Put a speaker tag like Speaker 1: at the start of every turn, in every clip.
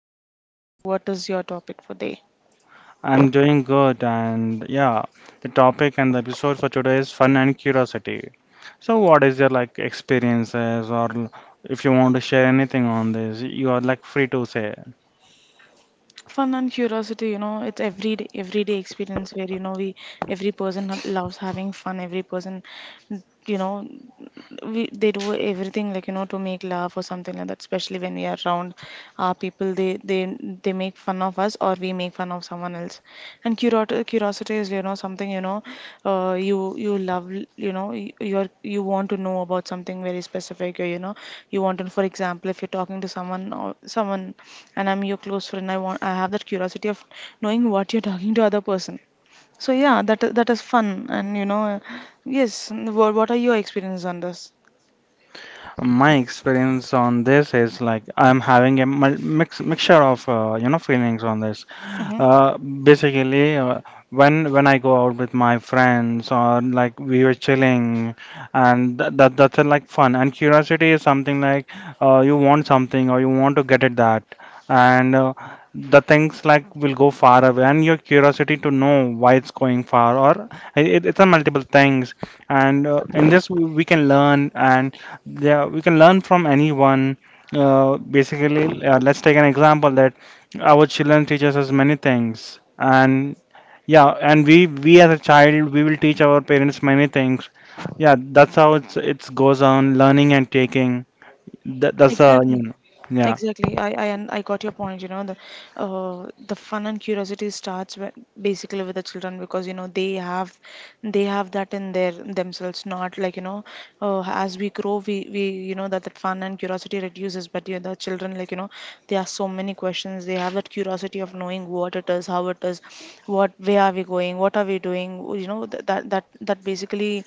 Speaker 1: good. How are you doing? What is your topic for day?
Speaker 2: I'm doing good, and yeah, the topic and the episode for today is fun and curiosity. So, what is your like experiences, or if you want to share anything on this, you are like free to say.
Speaker 1: Fun and curiosity, it's every day, everyday experience where you know we every person loves having fun. Every person, you know, we they do everything like to make laugh or something like that, especially when we are around our people. They make fun of us, or we make fun of someone else. And curiosity is, something. You love, you want to know about something very specific. Or, you want to, for example, if you're talking to someone or someone, and I'm your close friend, I have that curiosity of knowing what you're talking to other person. So yeah, that is fun. And yes, what are your experiences on this?
Speaker 2: My experience on this is like I'm having a mixture of you know feelings on this.
Speaker 1: Mm-hmm.
Speaker 2: Basically, when I go out with my friends or like we were chilling, and that's a, like fun. And curiosity is something like you want something or you want to get at that, and the things like will go far away. And your curiosity to know why it's going far, or it's a multiple things. And in this we can learn, and yeah, we can learn from anyone. Basically, let's take an example that. Our children teaches us many things, and yeah, and we as a child we will teach our parents many things. Yeah, that's how it's goes on learning and taking. That's a you
Speaker 1: Exactly.
Speaker 2: know, yeah,
Speaker 1: Exactly. I got your point. The fun and curiosity starts when, basically, with the children, because they have that in their themselves. Not like, as we grow, we that fun and curiosity reduces. But the children, like they ask so many questions. They have that curiosity of knowing what it is, how it is, what where are we going, what are we doing. That basically,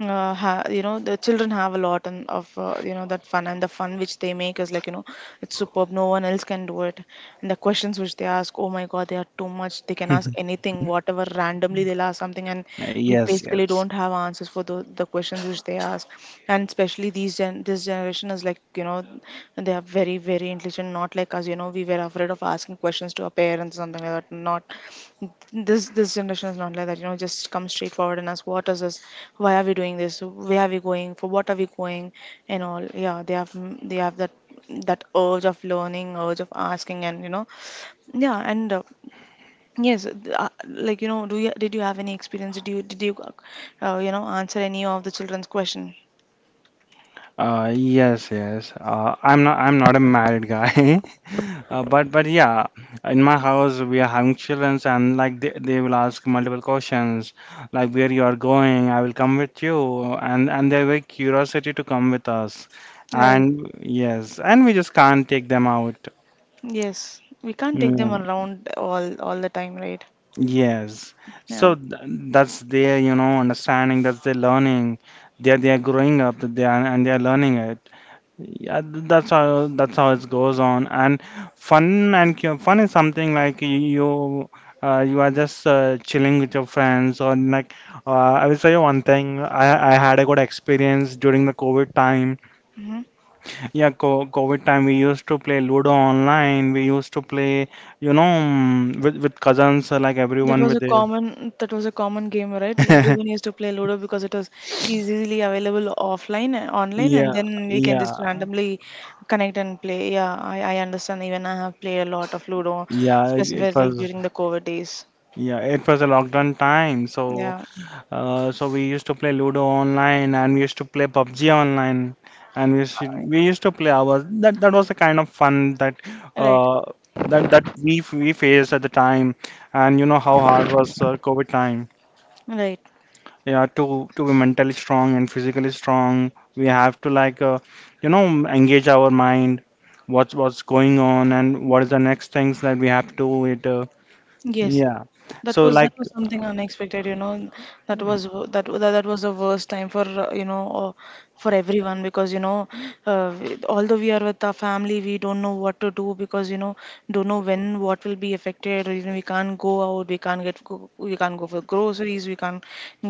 Speaker 1: the children have a lot and of, that fun. And the fun which they make is like, it's superb. No one else can do it. And the questions which they ask, oh my god, they are too much. They can ask anything, whatever randomly they'll ask something, and we
Speaker 2: yes,
Speaker 1: basically
Speaker 2: yes.
Speaker 1: don't have answers for the questions which they ask. And especially these gen this generation is like, they are very very intelligent, not like us. We were afraid of asking questions to our parents, something like that. Not this generation is not like that. Just come straightforward and ask what is this, why are we doing this, where are we going for, what are we going and all. Yeah, they have that urge of learning, urge of asking. And, yeah. And, yes, like, do you did you have any experience? Did you did you uh, you know answer any of the children's question?
Speaker 2: Yes, yes. I'm not. I'm not a married guy, but yeah, in my house we are having children, and like they will ask multiple questions, like where you are going, I will come with you, and they have a curiosity to come with us,
Speaker 1: Right.
Speaker 2: and yes, and we just can't take them out.
Speaker 1: Yes, we can't take them
Speaker 2: Mm,
Speaker 1: around all the time, right?
Speaker 2: yes. So
Speaker 1: Yeah.
Speaker 2: th that's their, you know, understanding. That's their learning. They are growing up. They are learning it. Yeah, that's how it goes on. And fun is something like you you are just chilling with your friends or like I will tell you one thing. I had a good experience during the COVID time.
Speaker 1: Hmm.
Speaker 2: Yeah, co COVID time we used to play Ludo online. We used to play, you know, with cousins like
Speaker 1: That
Speaker 2: everyone
Speaker 1: was
Speaker 2: with
Speaker 1: a
Speaker 2: their.
Speaker 1: common that was a common game, right? Everyone used to play Ludo because it was easily available offline and online, and
Speaker 2: Yeah,
Speaker 1: then we can just
Speaker 2: yeah,
Speaker 1: randomly connect and play. Yeah, I understand. Even I have played a lot of Ludo,
Speaker 2: yeah. It
Speaker 1: specifically
Speaker 2: was
Speaker 1: during the COVID days.
Speaker 2: yeah, it was a lockdown time, so.
Speaker 1: Yeah.
Speaker 2: So we used to play Ludo online, and we used to play PUBG online, and we used to play hours. That was the kind of fun that
Speaker 1: Right,
Speaker 2: uh, that we faced at the time, and you know how hard was COVID time.
Speaker 1: right.
Speaker 2: Yeah, to be mentally strong and physically strong, we have to like you know engage our mind, what's going on, and what is the next things that we have to do. It
Speaker 1: Yes,
Speaker 2: yeah.
Speaker 1: that
Speaker 2: So
Speaker 1: was that
Speaker 2: like
Speaker 1: was something unexpected. That was w- that that was the worst time for, for everyone, because although we are with our family, we don't know what to do, because don't know when what will be affected. Or even we can't go out, we can't get go, we can't go for groceries, we can't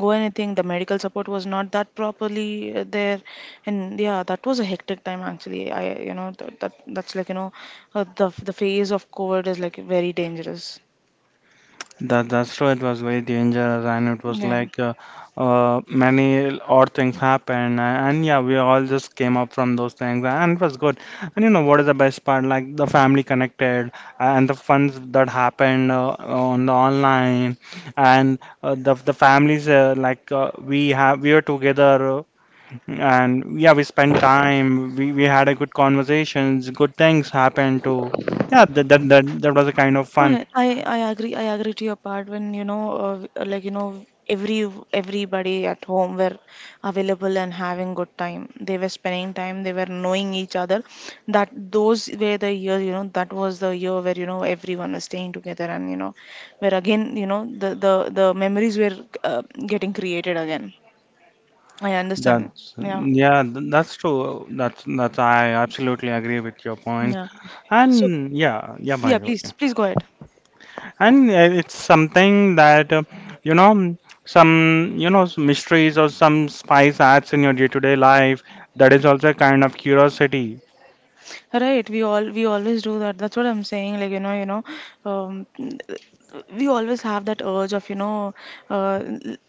Speaker 1: go anything. The medical support was not that properly, there. And yeah, that was a hectic time, actually. I, that that's like, the phase of COVID is like very dangerous.
Speaker 2: That that's true. It was very dangerous, and it was
Speaker 1: Yeah.
Speaker 2: like many odd things happened, and yeah, we all just came up from those things, and it was good. And you know what is the best part? Like the family connected, and the funds that happened on the online, and the families we were together, and yeah, we spent time. We had a good conversations. Good things happened too. Yeah, that was a kind of fun.
Speaker 1: I I I agree to your part when, like, everybody at home were available and having good time. They were spending time, they were knowing each other. That those were the years, that was the year where everyone was staying together. And where again, the memories were, getting created again. I understand.
Speaker 2: That's
Speaker 1: Yeah.
Speaker 2: yeah, that's true. That's I absolutely agree with your point.
Speaker 1: Yeah. So
Speaker 2: And yeah, yeah, by
Speaker 1: yeah,
Speaker 2: the
Speaker 1: please
Speaker 2: way.
Speaker 1: please go ahead.
Speaker 2: And it's something that you know some you know s- mysteries or some spice adds in your day-to-day life. That is also a kind of curiosity.
Speaker 1: Right, we always do that. That's what I'm saying. Like, um, we always have that urge of, uh,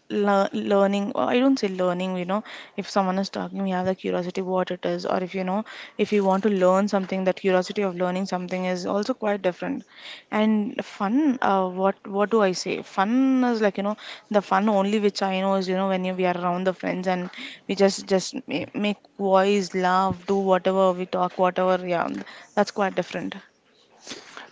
Speaker 1: learning. Or I don't say learning. If someone is talking, we have the curiosity what it is. Or if you want to learn something, that curiosity of learning something is also quite different. And fun, what do I say, fun is like, the fun only which I know is, when we are around the friends, and we just make voice laugh, do whatever, we talk whatever. Yeah, that's quite different.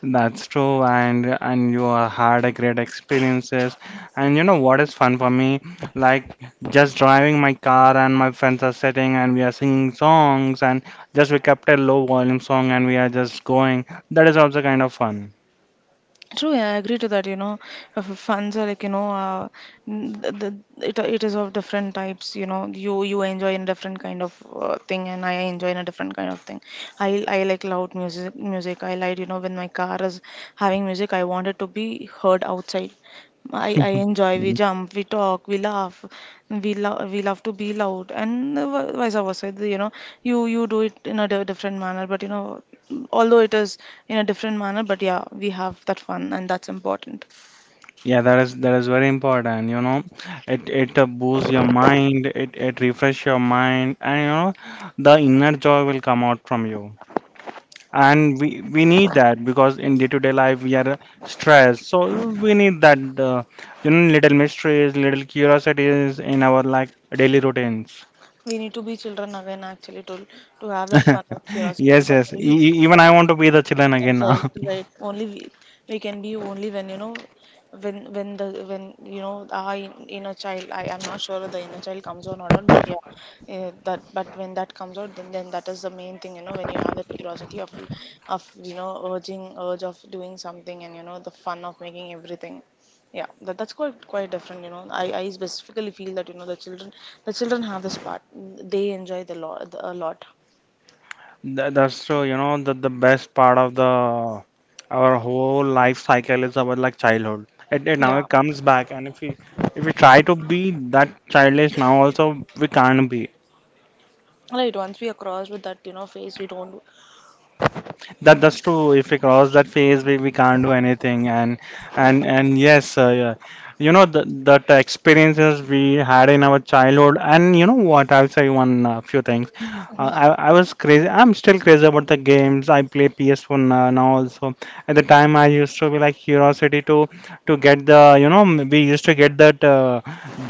Speaker 2: That's true, and you are had a great experiences. And you know what is fun for me? Like just driving my car and my friends are sitting and we are singing songs and just we kept a low volume song and we are just going. That is also kind of fun.
Speaker 1: True, yeah, I agree to that. Funds are like, n- th th- it is of different types. You enjoy in different kind of, thing, and I enjoy in a different kind of thing. I like loud music. Music I like, when my car is having music, I want it to be heard outside. I enjoy, we
Speaker 2: Mhm.
Speaker 1: jump, we talk, we laugh, we love to be loud, and vice versa. You do it in a different manner. But, although it is in a different manner, but yeah, we have that fun, and that's important.
Speaker 2: Yeah, that is very important, you know. It boosts your mind, it refresh your mind, and you know the inner joy will come out from you. And we need that because in day-to-day life we are stressed, so we need that you know little mysteries little curiosities in our like daily routines.
Speaker 1: We need to be children again, actually, to have that fun and curiosity,
Speaker 2: Yes,
Speaker 1: because
Speaker 2: yes,
Speaker 1: only.
Speaker 2: even I want to be the children again now.
Speaker 1: Right, right. Only we can be only when, when the when our inner child. I am not sure if the inner child comes on or not. But yeah, eh, that but when that comes out, then that is the main thing. When you have that curiosity of, urging urge of doing something, and the fun of making everything. Yeah, that's quite different. I specifically feel that, the children have this part. They enjoy the lot a lot.
Speaker 2: That's true. You know the best part of the our whole life cycle is our like childhood. It now
Speaker 1: Yeah,
Speaker 2: it comes back, and if we try to be that childish now also we can't be.
Speaker 1: right. Once we are crossed with that, phase, we don't.
Speaker 2: That that's true. If we cross that phase, we can't do anything. And yeah. You know the that experiences we had in our childhood. And you know what? I'll say one few things. Uh,
Speaker 1: Mhm.
Speaker 2: I I was crazy. I'm still crazy about the games. I play PS1 now, now also. At the time, I used to be like curiosity to get the you know we used to get that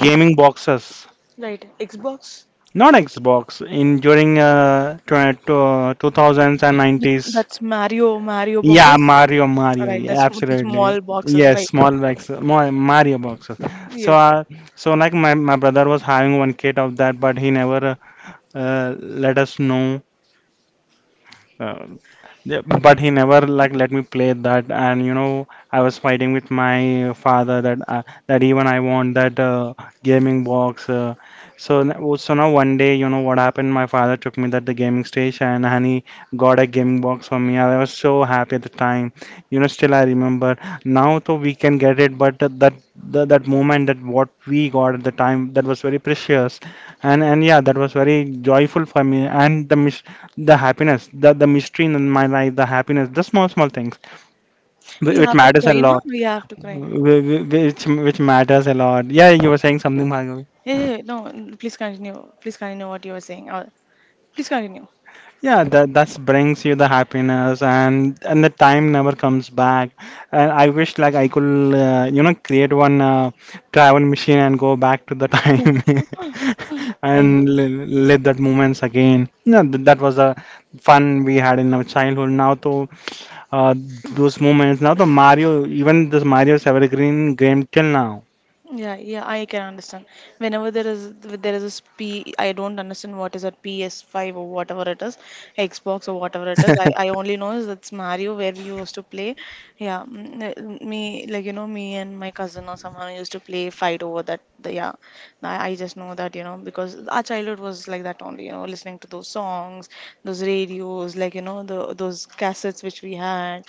Speaker 2: gaming boxes.
Speaker 1: Right, Xbox.
Speaker 2: Not Xbox in during 2000s and
Speaker 1: With-
Speaker 2: 90s.
Speaker 1: That's Mario, Mario
Speaker 2: Yeah,
Speaker 1: boxes.
Speaker 2: Mario, Mario,
Speaker 1: Right,
Speaker 2: yeah,
Speaker 1: that's the
Speaker 2: absolutely.
Speaker 1: small boxes,
Speaker 2: Yes,
Speaker 1: right?
Speaker 2: small box, more Mario boxes. So,
Speaker 1: Yes.
Speaker 2: uh, so my brother was having one kit of that, but he never let us know. Uh, yeah, but he never like let me play that, and you know I was fighting with my father that that even I want that gaming box. So now one day you know what happened, my father took me that the gaming station and he got a gaming box for me. I was so happy at the time, you know, still I remember. Now though we can get it, but that that moment that what we got at the time, that was very precious, and yeah, that was very joyful for me. And the happiness, the mystery in my life, the happiness, the small small things
Speaker 1: We
Speaker 2: which
Speaker 1: have to
Speaker 2: matters a
Speaker 1: cry, no?
Speaker 2: lot,
Speaker 1: We have to cry.
Speaker 2: which matters a lot. Yeah, you were saying something, Bhargavi.
Speaker 1: Yeah, yeah, no, please continue. Please continue what you were saying. Please continue.
Speaker 2: Yeah, that that brings you the happiness, and the time never comes back, and I wish like I could you know create one travel machine and go back to the time
Speaker 1: I will.
Speaker 2: and live that moments again. Yeah, that was a fun we had in our childhood. Now though uh, those moments. Now the Mario, even this Mario's evergreen game till now.
Speaker 1: Yeah, yeah, I can understand. Whenever there is a P, I don't understand what is a PS5 or whatever it is, Xbox or whatever it is. I only know is it's Mario where we used to play. Yeah, me, like, me and my cousin or someone used to play fight over that. Yeah, I just know that, because our childhood was like that only. Listening to those songs, those radios, like, the those cassettes which we had,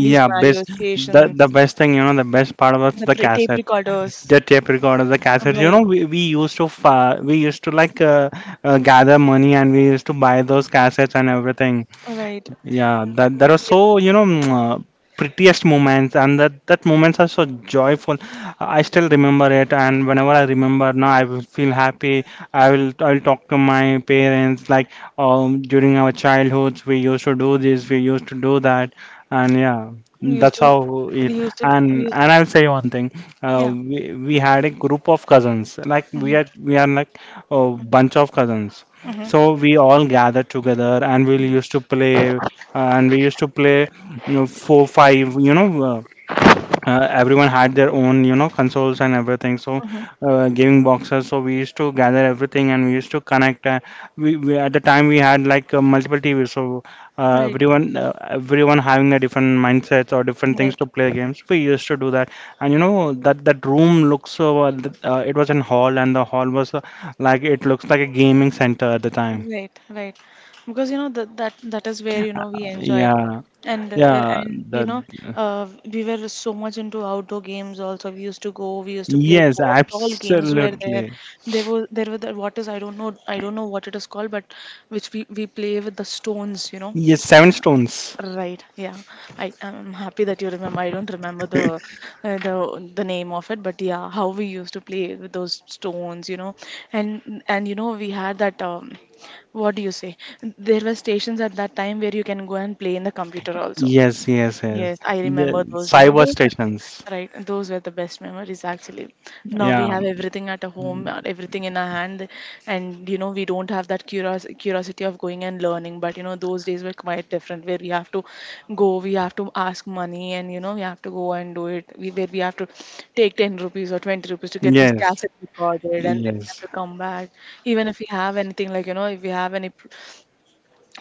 Speaker 1: these Mario
Speaker 2: best the
Speaker 1: stations,
Speaker 2: best thing, you know, the best part was
Speaker 1: the
Speaker 2: the
Speaker 1: tape
Speaker 2: cassette,
Speaker 1: recorders,
Speaker 2: the tape recorder, the cassette. You
Speaker 1: right?
Speaker 2: know, we used to like gather money, and we used to buy those cassettes and everything.
Speaker 1: Right.
Speaker 2: Yeah, that there are so you know prettiest moments, and that moments are so joyful. I still remember it, and whenever I remember now, I will feel happy. I'll talk to my parents like during our childhoods we used to do this, we used to do that, and yeah,
Speaker 1: We used
Speaker 2: that's
Speaker 1: to,
Speaker 2: how
Speaker 1: we
Speaker 2: it.
Speaker 1: used to, we used,
Speaker 2: And I'll say one thing, uh,
Speaker 1: yeah.
Speaker 2: we we had a group of cousins, like we
Speaker 1: Mm-hmm.
Speaker 2: are we are like a bunch of cousins.
Speaker 1: Mm-hmm. Mm-hmm.
Speaker 2: So we all gathered together, and we used to play, and we used to play, you know, four, five. You know, everyone had their own you know consoles and everything. So
Speaker 1: Mm-hmm.
Speaker 2: gaming boxes. So we used to gather everything, and we used to connect. We at the time we had like multiple TVs. So
Speaker 1: Right.
Speaker 2: everyone having a different mindsets or different things
Speaker 1: Right.
Speaker 2: to play games. We used to do that, and you know that that room looks so. It was an hall, and the hall was like it looks like a gaming center at the time.
Speaker 1: Right. Right. Because that is where we enjoyed.
Speaker 2: Yeah,
Speaker 1: And,
Speaker 2: yeah,
Speaker 1: and you
Speaker 2: that.
Speaker 1: know we were so much into outdoor games. Also, we used to go. We used to play.
Speaker 2: Yes,
Speaker 1: All games were there.
Speaker 2: absolutely.
Speaker 1: There was there were the what is I don't know what it is called, but which we play with the stones. You know?
Speaker 2: Yes, Seven Stones.
Speaker 1: Right. Yeah. I am happy that you remember. I don't remember the name of it. But yeah, how we used to play with those stones, you know, and we had that, what do you say? There were stations at that time where you can go and play in the computer also.
Speaker 2: Yes, yes, yes.
Speaker 1: Yes, I
Speaker 2: The
Speaker 1: remember those. Yeah,
Speaker 2: cyber
Speaker 1: those are
Speaker 2: stations.
Speaker 1: right. Those were the best memories, actually. Now we
Speaker 2: Yeah.
Speaker 1: have everything at a home, everything in our hand. And we don't have that curiosity of going and learning. But those days were quite different, where we have to go, we have to ask money, and we have to go and do it. We where we have to take 10 rupees or 20 rupees to get this
Speaker 2: Yes.
Speaker 1: cassette recorded, and then we have
Speaker 2: Yes.
Speaker 1: to come back. Even if we have anything, like if we have any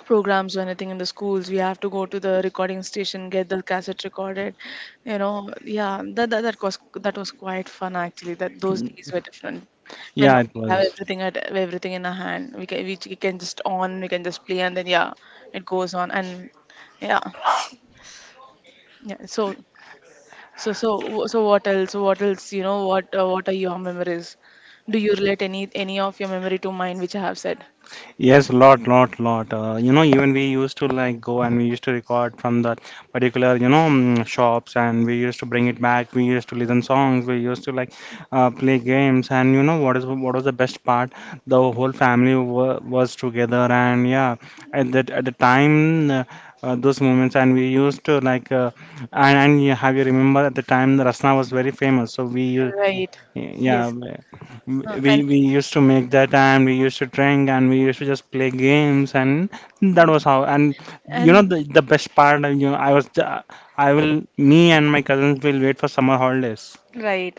Speaker 1: programs or anything in the schools, we have to go to the recording station, get the cassette recorded, you know. Yeah, that was that was quite fun actually. That those days were different, and
Speaker 2: Yeah,
Speaker 1: now
Speaker 2: it
Speaker 1: we have
Speaker 2: was.
Speaker 1: everything at everything in our hand. We can just on we can just play, and then yeah, it goes on. And yeah, yeah, so so what else, you know, what are your memories? Do you relate any of your memory to mine which I have said?
Speaker 2: Yes, lot, lot, lot. You know, even we used to like go, and we used to record from that particular, you know, shops, and we used to bring it back. We used to listen songs. We used to like play games. And you know what is what was the best part? The whole family wa was together, and yeah, at the time those moments, and we used to like and you have you remember at the time the Rasna was very famous. So we
Speaker 1: Right.
Speaker 2: yeah,
Speaker 1: Yes. Uh, and
Speaker 2: we used to make that, and we used to drink, and we used to just play games, and that was how. And you know
Speaker 1: and
Speaker 2: the best part, you know, I will me and my cousins will wait for summer holidays.
Speaker 1: right,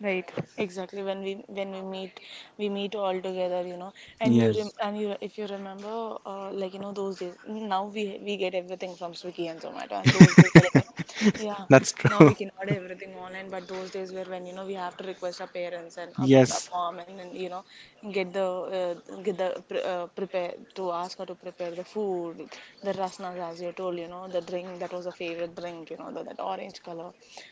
Speaker 1: right, exactly. When we meet, we meet all together, you know. And you rem
Speaker 2: Yes,
Speaker 1: and you, if you remember, like those days. Now we get everything from Swiggy and Zomato, and those days were like you know, yeah.
Speaker 2: that's
Speaker 1: Now we
Speaker 2: true.
Speaker 1: can order everything online, but those days were when, you know, we have to request our parents and our
Speaker 2: Yes,
Speaker 1: mom, and then you know get the uh, get the prepare to ask her to prepare the food, the rasnas as you told, you know, the drink, that was a favorite drink, you know, the, that orange color,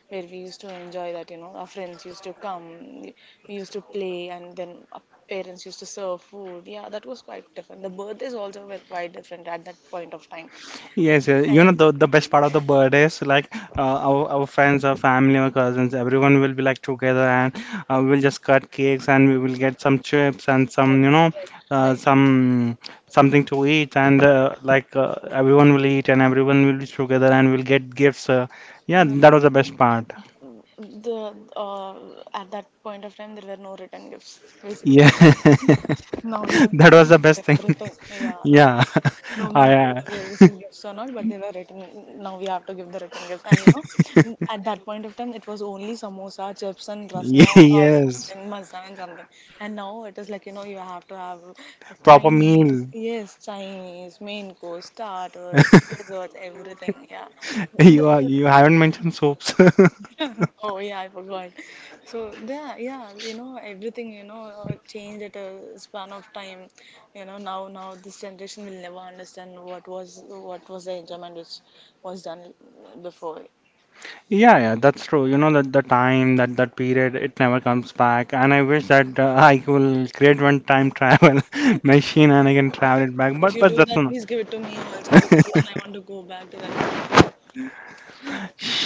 Speaker 1: where we used to enjoy that, you know. Our friends used to come, we used to play, and then our parents used to serve food. Yeah, that was quite different. The birthdays also were quite different at that point of time.
Speaker 2: yes, yes.
Speaker 1: And,
Speaker 2: You know the best part of the birthday is like our friends, our family, our cousins, everyone will be like together, and we will just cut cakes, and we will get some chips and some
Speaker 1: right,
Speaker 2: you know
Speaker 1: right, right.
Speaker 2: some something to eat, and everyone will eat, and everyone will be together, and we'll get gifts. Yeah,
Speaker 1: Yeah.
Speaker 2: that was the best part.
Speaker 1: The at that point of time there were no written gifts basically.
Speaker 2: Yeah,
Speaker 1: Now we have
Speaker 2: that
Speaker 1: written
Speaker 2: was the
Speaker 1: for
Speaker 2: best thing.
Speaker 1: everything. Yeah, now
Speaker 2: Yeah,
Speaker 1: no
Speaker 2: I
Speaker 1: matter if
Speaker 2: uh,
Speaker 1: we are receiving gifts or not, but they were written. Now we have to give the written gifts. And you know, at that point of time, it was only samosa, chips, and rasna or
Speaker 2: yes,
Speaker 1: something, mazza and something. And now it is like, you know, you have to have
Speaker 2: proper
Speaker 1: Chinese,
Speaker 2: meal.
Speaker 1: yes, Chinese, main course, starters, desserts, everything. Yeah. The
Speaker 2: You haven't mentioned soaps.
Speaker 1: Oh yeah, I forgot. So yeah, yeah, you know everything, you know, changed at a span of time. You know now, this generation will never understand what was the enjoyment which was done before.
Speaker 2: Yeah, yeah, that's true. You know that the time, that period, it never comes back. And I wish that I will create one time travel machine and I can travel it back.
Speaker 1: If
Speaker 2: But
Speaker 1: you
Speaker 2: but
Speaker 1: do
Speaker 2: that's
Speaker 1: that,
Speaker 2: not.
Speaker 1: please give it to me also, because even I want to go back to that.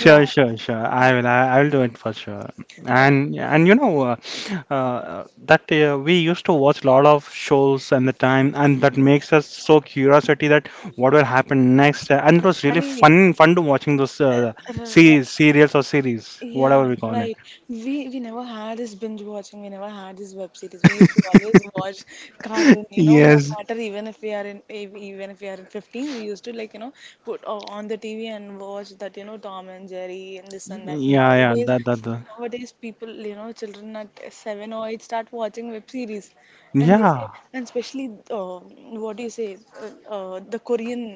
Speaker 1: Yeah,
Speaker 2: sure, sure. I
Speaker 1: yeah,
Speaker 2: will. I will do it for sure.
Speaker 1: yeah.
Speaker 2: And you know that we used to watch a lot of shows and the time, and that makes us so curiosity that what will happen next. And it was really fun to watching those
Speaker 1: Right,
Speaker 2: series, serials or series,
Speaker 1: yeah,
Speaker 2: whatever we call it.
Speaker 1: right. We never had this binge watching. We never had this web series. We used to always watch cartoon. You know, no
Speaker 2: Yes.
Speaker 1: matter, even if we are in even if we are in fifteens, we used to like, you know, put on the TV and watch that, you know, Tom and Jerry and this and that.
Speaker 2: Yeah, yeah.
Speaker 1: Nowadays,
Speaker 2: That that. That.
Speaker 1: people, you know, children at seven or eight start watching web series, and they say,
Speaker 2: Yeah.
Speaker 1: and especially what do you say, the Korean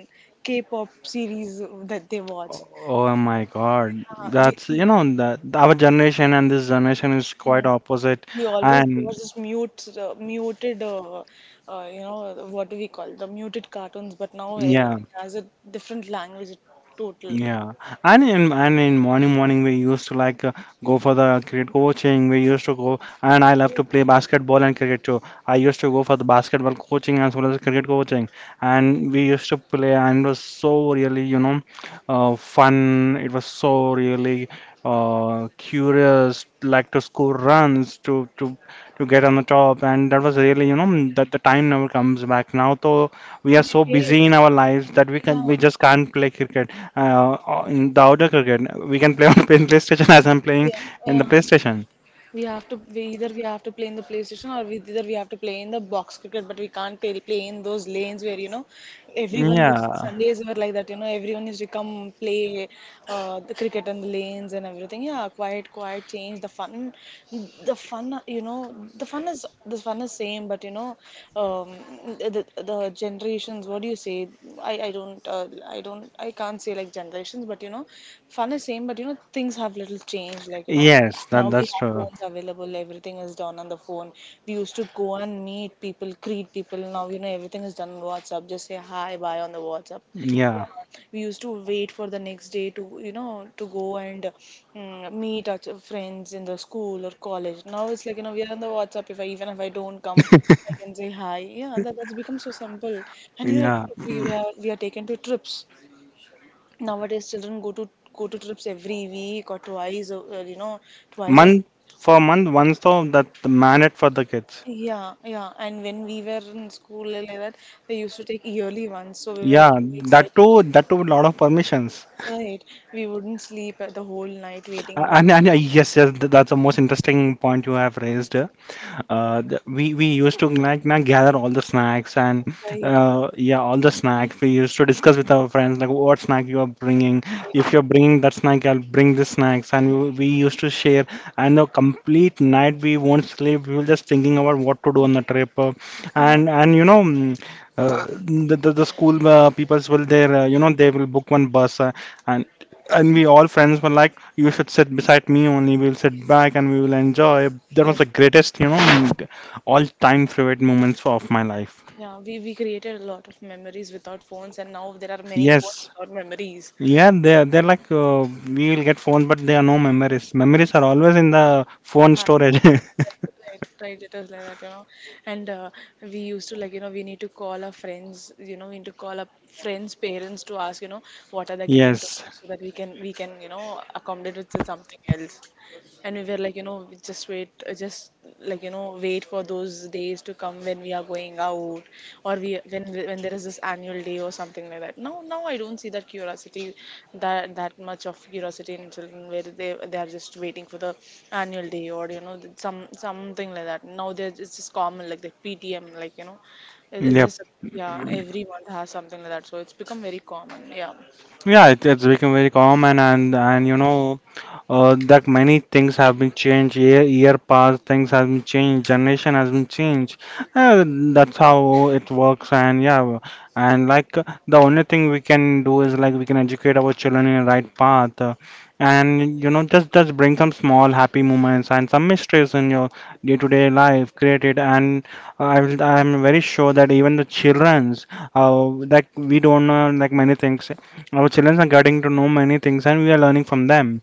Speaker 1: K-pop series that they watch.
Speaker 2: Oh my God.
Speaker 1: We
Speaker 2: That's, you
Speaker 1: see.
Speaker 2: know, that our generation and this generation is
Speaker 1: Hmm.
Speaker 2: quite opposite.
Speaker 1: He always
Speaker 2: And
Speaker 1: was this mute, muted, you know, what do we call the muted cartoons? But now
Speaker 2: Yeah.
Speaker 1: everything has a different language, total.
Speaker 2: yeah, and in morning we used to go for the cricket coaching. We used to go, and I love to play basketball and cricket too. I used to go for the basketball coaching as well as cricket coaching, and we used to play, and it was so really fun. It was so really curious, like to score runs, to get on the top, and that was really you know that the time never comes back. Now though we are so
Speaker 1: Yeah.
Speaker 2: busy in our lives that we
Speaker 1: Yeah,
Speaker 2: can we just can't play cricket in the outdoor cricket, we can play on PlayStation as I'm playing
Speaker 1: yeah,
Speaker 2: in the
Speaker 1: yeah.
Speaker 2: PlayStation.
Speaker 1: We have to, we either we have to play in the PlayStation, or we, either we have to play in the box cricket, but we can't play in those lanes where, you know, everyone used.
Speaker 2: Yeah.
Speaker 1: Sundays were like that. You know, everyone used to come play the cricket and the lanes and everything. Yeah, quite quite change the fun. The fun, you know, the fun is same, but you know, um, the, generations. What do you say? I don't I don't, I can't say like generations, but you know, fun is same, but you know, things have little changed. Like you know.
Speaker 2: Yes, that
Speaker 1: Now we
Speaker 2: that's
Speaker 1: have
Speaker 2: true.
Speaker 1: phones available, everything is done on the phone. We used to go and meet people, greet people. Now, you know, everything is done on WhatsApp. Just say hi, bye on the WhatsApp.
Speaker 2: Yeah.
Speaker 1: We used to wait for the next day to, you know, to go and meet our friends in the school or college. Now it's like, you know, we are on the WhatsApp. If I, even if I don't come, I can say hi. Yeah, that's become so simple. And, you know, if,
Speaker 2: Yeah.
Speaker 1: we are taken to trips nowadays. Children go to go to trips every week or twice, you know, twice a
Speaker 2: Month for month, once though that mandate for the kids.
Speaker 1: yeah, yeah. And when we were in school like that, they used to take yearly ones, so we were
Speaker 2: Yeah,
Speaker 1: so excited.
Speaker 2: that too, with lot of permissions.
Speaker 1: Right. We wouldn't sleep the whole night, waiting, you know.
Speaker 2: And yes, yes, that's the most interesting point you have raised. We used to like na gather all the snacks and
Speaker 1: Right.
Speaker 2: yeah, all the snacks. We used to discuss with our friends like what snack you are bringing. If you're bringing that snack, I'll bring this snacks, and we used to share. And the complete night we won't sleep. We were just thinking about what to do on the trip,
Speaker 1: Uh,
Speaker 2: and you know. Mm, Uh, the school peoples will there you know they will book one bus and and we all friends were like you should sit beside me only. We'll sit back and we will enjoy. That was
Speaker 1: yes.
Speaker 2: the greatest, you know, all-time favorite moments of my life.
Speaker 1: Yeah. We created a lot of memories without phones, and now there are many phones
Speaker 2: Yes.
Speaker 1: without memories.
Speaker 2: Yeah, they're like, we'll get phones, but there are no memories. Memories are always in the phone
Speaker 1: Ha.
Speaker 2: storage.
Speaker 1: Right, right, it was like that, you know. And we used to like, you know, we need to call our friends, you know, we need to call our friends' parents to ask, you know, what are they getting to,
Speaker 2: Yes.
Speaker 1: so that we can, you know, accommodate it to something else. And we were like, you know, just wait, just like, you know, wait for those days to come when we are going out, or we when there is this annual day or something like that. Now, I don't see that curiosity, that much of curiosity in children, where they are just waiting for the annual day, or you know, some something like that. Now there, it's just common, like the PTM, like you know, it- it's
Speaker 2: Yep.
Speaker 1: just, yeah, every month has something like that, so it's become very common, yeah.
Speaker 2: Yeah, it's become very common, and you know, that many things have been changed. Year past, things have been changed. Generation has been changed. That's how it works, and yeah, and like the only thing we can do is like we can educate our children in the right path, and you know, just bring some small happy moments and some mysteries in your day-to-day life. Create it, and I'm very sure that even the childrens, like we don't know like many things our children are getting to know many things and we are learning from them.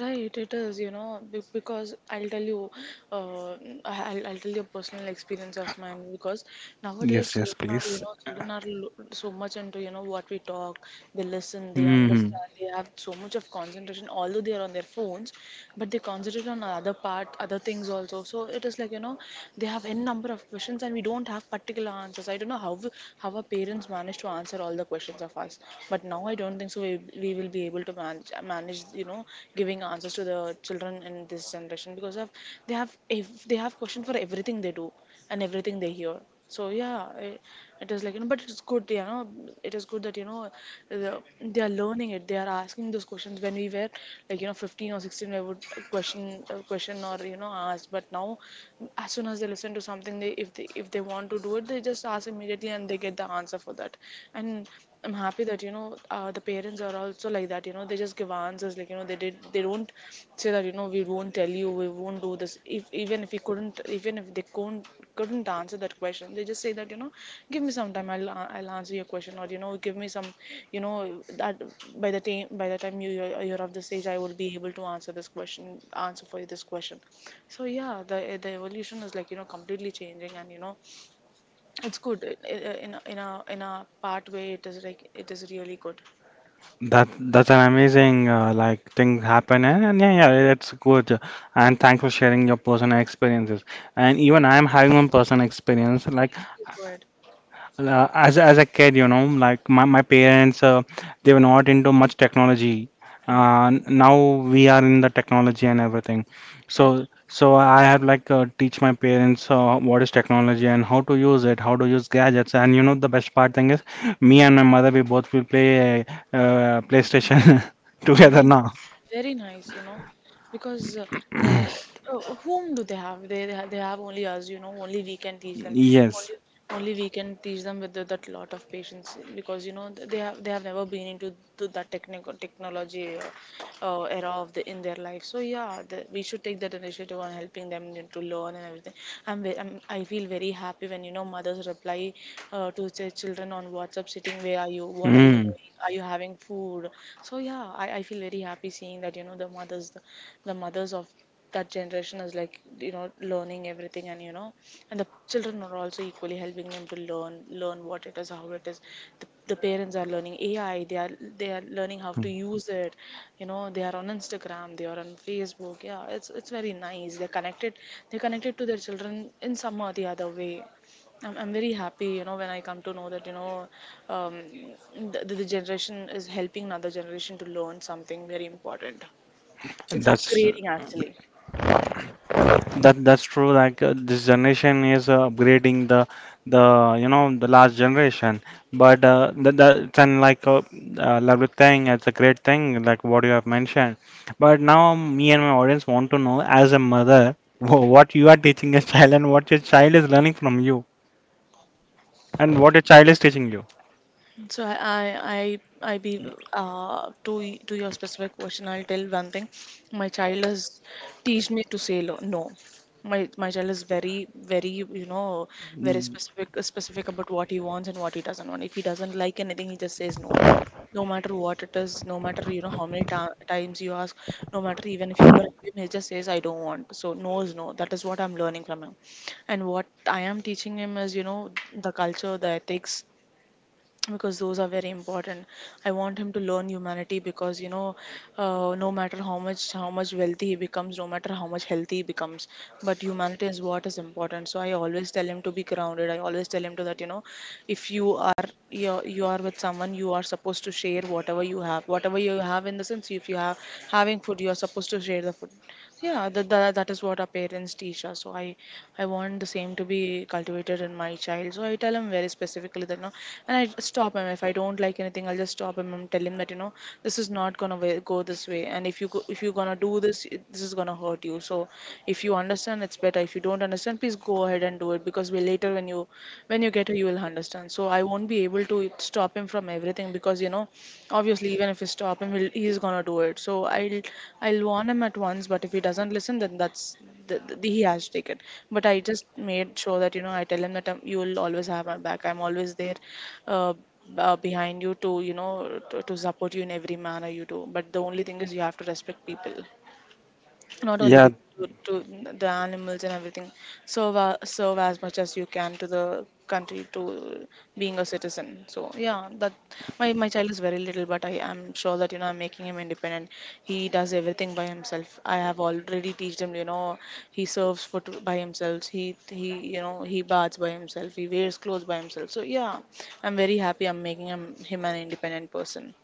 Speaker 1: Right, it is, you know, because I'll tell you, uh, I'll tell you a personal experience of mine, because nowadays
Speaker 2: Yes, yes,
Speaker 1: children are, you
Speaker 2: please.
Speaker 1: know, children are so much into, you know, what we talk, they listen, they
Speaker 2: Hmm.
Speaker 1: understand, they have so much of concentration, although they are on their phones, but they concentrate on other part, other things also. So it is like, you know, they have n number of questions and we don't have particular answers. I don't know how our parents manage to answer all the questions of us topics, but now I don't think so we will be able to manage, you know, giving answers to the children in this generation, because of they have, if they have question for everything they do and everything they hear. So yeah, I, it is like, you know, but it's good, you know, it is good that, you know, the, they are learning it, they are asking those questions. When we were like, you know, 15 or 16, we would question, or, you know, ask, but now as soon as they listen to something, they, if they if they want to do it, they just ask immediately, and they get the answer for that. And I'm happy that, you know, the parents are also like that, you know, they just give answers, like you know, they did, they don't say that, you know, we won't tell you, we won't do this. If, even if we couldn't, even if they couldn't, answer that question, they just say that, you know, give me some time, I'll I'll answer your question, or you know, give me some, you know, that by the time, you you're of this age, I will be able to answer this question, answer for you this question. So yeah, the evolution is like, you know, completely changing, and you know, it's good, in a, in a part way. It is like, it is really good.
Speaker 2: That that's an amazing like thing happen, and yeah, yeah, it's good. And thanks for sharing your personal experiences. And even I am having one personal experience. Like
Speaker 1: Please, go ahead.
Speaker 2: as a kid, you know, like my parents, they were not into much technology.
Speaker 1: Mhm.
Speaker 2: Now we are in the technology and everything.
Speaker 1: Right.
Speaker 2: So I have like teach my parents what is technology and how to use it, how to use gadgets. And you know, the best part thing is, me
Speaker 1: Mhm.
Speaker 2: and my mother, we both will play PlayStation
Speaker 1: Very
Speaker 2: together
Speaker 1: nice.
Speaker 2: now.
Speaker 1: Very nice. You know, because whom do they have? They have only us. You know, only we can teach them.
Speaker 2: Yes.
Speaker 1: Only we can teach them with the, that lot of patience, because you know, they have, they have never been into that technical technology. Era of the in their life. So yeah, the, we should take that initiative on helping them to learn and everything. I'm, ve- I'm I feel very happy when, you know, mothers reply to their children on WhatsApp, sitting, where are you? What are you
Speaker 2: Mm.
Speaker 1: doing? Are you having food? So yeah, I feel very happy seeing that, you know, the mothers, the mothers of that generation is like, you know, learning everything. And you know, and the children are also equally helping them to learn, what it is, how it is. The parents are learning AI, they are, they are learning how to use it. You know, they are on Instagram, they are on Facebook. Yeah, it's very nice, they're connected, they're connected to their children in some or the other way. I'm very happy, you know, when I come to know that, you know, um, the generation is helping another generation to learn something very important. It's
Speaker 2: That's
Speaker 1: upgrading actually.
Speaker 2: That that's true. Like this generation is upgrading the you know the last generation, but that that's an like a lovely thing. It's a great thing, like what you have mentioned. But now me and my audience want to know, as a mother, what you are teaching your child and what your child is learning from you, and what your child is teaching you.
Speaker 1: So I be to to your specific question, I'll tell one thing. My child has teach me to say no. My child is very very, very
Speaker 2: Mm.
Speaker 1: specific specific about what he wants and what he doesn't want. If he doesn't like anything, he just says no. No matter what it is, no matter how many times you ask, no matter even if you bribe him, he just says I don't want. So no is no. That is what I'm learning from him, and what I am teaching him is the culture, the ethics because those are very important. I want him to learn humanity because no matter how much wealthy he becomes, no matter how much healthy he becomes, but humanity is what is important. So I always tell him to be grounded. I always tell him to, that if you are you are with someone, you are supposed to share whatever you have. Whatever you have in the sense, if you have having food, you are supposed to share the food. Yeah, that is what our parents teach us. I want the same to be cultivated in my child. So I tell him very specifically that, and I stop him. If I don't like anything, I'll just stop him and tell him that, this is not gonna go this way. And if you go, if you're gonna do this, this is gonna hurt you. So if you understand, it's better. If you don't understand, please go ahead and do it because we later when you get here, you will understand. So I won't be able to stop him from everything because, obviously, even if we stop him, he's gonna do it. I'll warn him at once. But if he doesn't listen, then he has to take it. But I just made sure that I tell him that you will always have my back. I'm always there, uh, behind you to to support you in every manner you do. But the only thing is you have to respect people, not only
Speaker 2: Yeah.
Speaker 1: people, to the animals and everything. Serve as much as you can to the country, to being a citizen. So yeah, that my child is very little, but I am sure that I'm making him independent. He does everything by himself. I have already teached him, he serves food by himself. He, he baths by himself, he wears clothes by himself. So yeah, I'm very happy. I'm making him an independent person.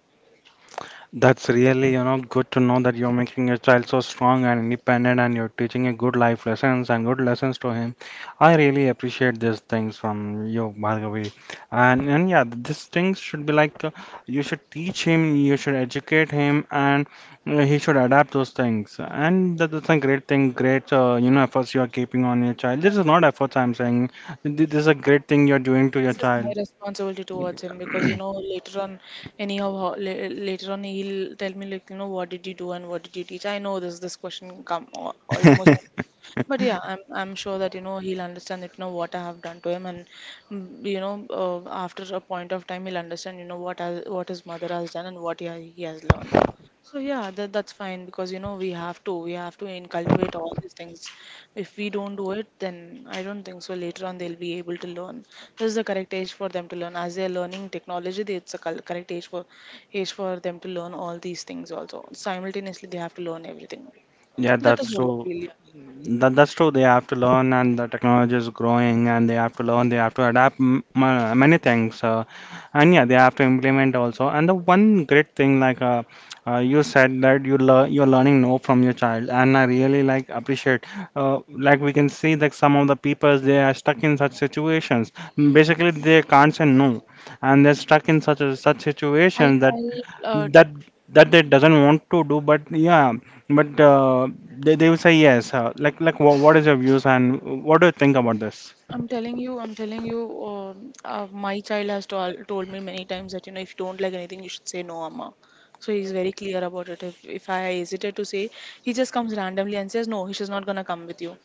Speaker 2: That's really, you know, good to know that you're making your child so strong and independent and you're teaching a good life lessons and good lessons to him. I really appreciate these things from you, Bhargavi. And yeah, these things should be like you should teach him, you should educate him, and he should adapt those things. And that, that's a great thing, great you know efforts you are keeping on your child. This is not efforts I'm saying. This is a great thing you're doing to your
Speaker 1: This is my
Speaker 2: child.
Speaker 1: responsibility towards him because later on, anyhow, later on he'll tell me like what did you do and what did you teach. I know this question come almost. But yeah, I'm sure that he'll understand that what I have done to him, and after a point of time he'll understand what I, what his mother has done and what he has learned. So yeah, that's fine because we have to in cultivate all these things. If we don't do it, then I don't think so. Later on, they'll be able to learn. This is the correct age for them to learn. As they're learning technology, it's a correct age for age for them to learn all these things. Also, simultaneously, they have to learn everything.
Speaker 2: Yeah,
Speaker 1: That is
Speaker 2: that's
Speaker 1: what I
Speaker 2: so.
Speaker 1: feel.
Speaker 2: That, that's true. They have to learn, and the technology is growing, and they have to learn. They have to adapt many things, and yeah, they have to implement also. And the one great thing, like you said, that you're learning no from your child, and I really like appreciate. Uh, like we can see that some of the people they are stuck in such situations. Basically, they can't say no, and they're stuck in such a, such
Speaker 1: I'll,
Speaker 2: situations
Speaker 1: I'll, uh,
Speaker 2: that that they doesn't want to do but yeah but they will say yes like what is your views and what do you think about this?
Speaker 1: I'm telling you, my child has told me many times that, if you don't like anything, you should say no, Amma. So he's very clear about it. If I hesitate to say, he just comes randomly and says, no, she's not gonna come with you.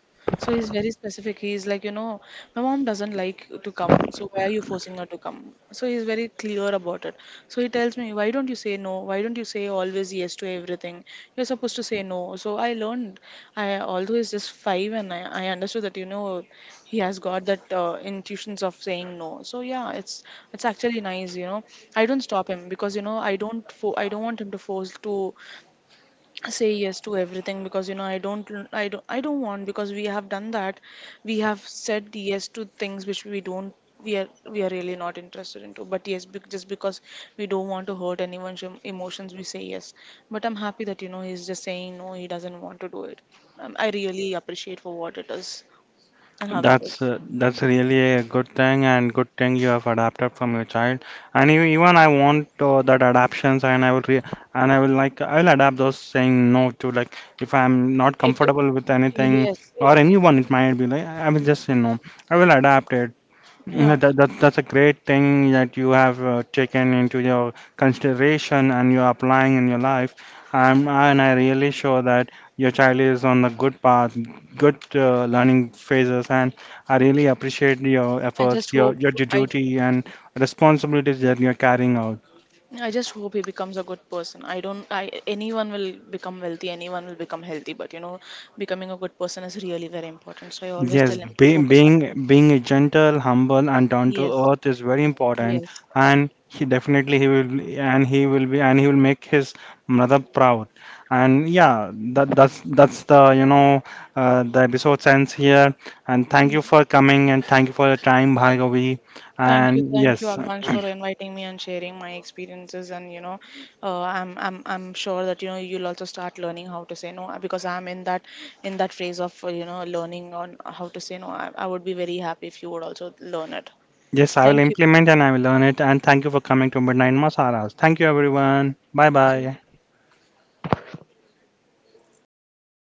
Speaker 1: So he's very specific. He's like, my mom doesn't like to come. So why are you forcing her to come? So he's very clear about it. So he tells me, why don't you say no? Why don't you say always yes to everything? You're supposed to say no. So I learned. I although he's just five, and I understood that he has got that intuitions of saying no. So yeah, it's actually nice. I don't stop him because I don't I don't want him to force to say yes to everything because I don't want, because we have done that, we have said yes to things which we don't we are really not interested into. But yes, just because we don't want to hurt anyone's emotions, we say yes. But I'm happy that he's just saying no, he doesn't want to do it. I really appreciate for what it is and how it
Speaker 2: That's
Speaker 1: is.
Speaker 2: uh, that's really a good thing and good thing you have adapted from your child. And you, even I want that adaptations, and I will like I will adapt those saying no to like if I'm not
Speaker 1: it, it
Speaker 2: comfortable with anything
Speaker 1: yes it,
Speaker 2: or anyone, it might be like I will just say no. I will adapt it. Yeah,
Speaker 1: yeah,
Speaker 2: That's a great thing that you have taken into your consideration and you're applying in your life. I really sure that your child is on the good path, good learning phases. And I really appreciate your
Speaker 1: i just
Speaker 2: efforts,
Speaker 1: hope
Speaker 2: your
Speaker 1: i
Speaker 2: duty, and responsibilities that you're carrying out.
Speaker 1: I just hope he becomes a good person. I don't, I, anyone will become wealthy, anyone will become healthy, but you know, becoming a good person is really very important. So I always tell
Speaker 2: Yes,
Speaker 1: him to focus on it.
Speaker 2: being being gentle, humble, and down
Speaker 1: Yes,
Speaker 2: to earth is very important,
Speaker 1: yes.
Speaker 2: and he definitely he will be, and he will make his mother proud. And yeah, that's the you know the episode ends here. And thank
Speaker 1: Yeah.
Speaker 2: you for coming and thank you for your time, Bhargavi. And
Speaker 1: Thank you,
Speaker 2: yes,
Speaker 1: Akansh, for inviting me and sharing my experiences. And you know, I'm sure that you know you'll also start learning how to say no, because I'm in that phase of you know learning on how to say no. I would be very happy if you would also learn it.
Speaker 2: yes, I will
Speaker 1: Thank you.
Speaker 2: implement and I will learn it. And thank you for coming to Midnight Masalas. Thank you, everyone. Bye
Speaker 1: Thank
Speaker 2: bye.
Speaker 1: you.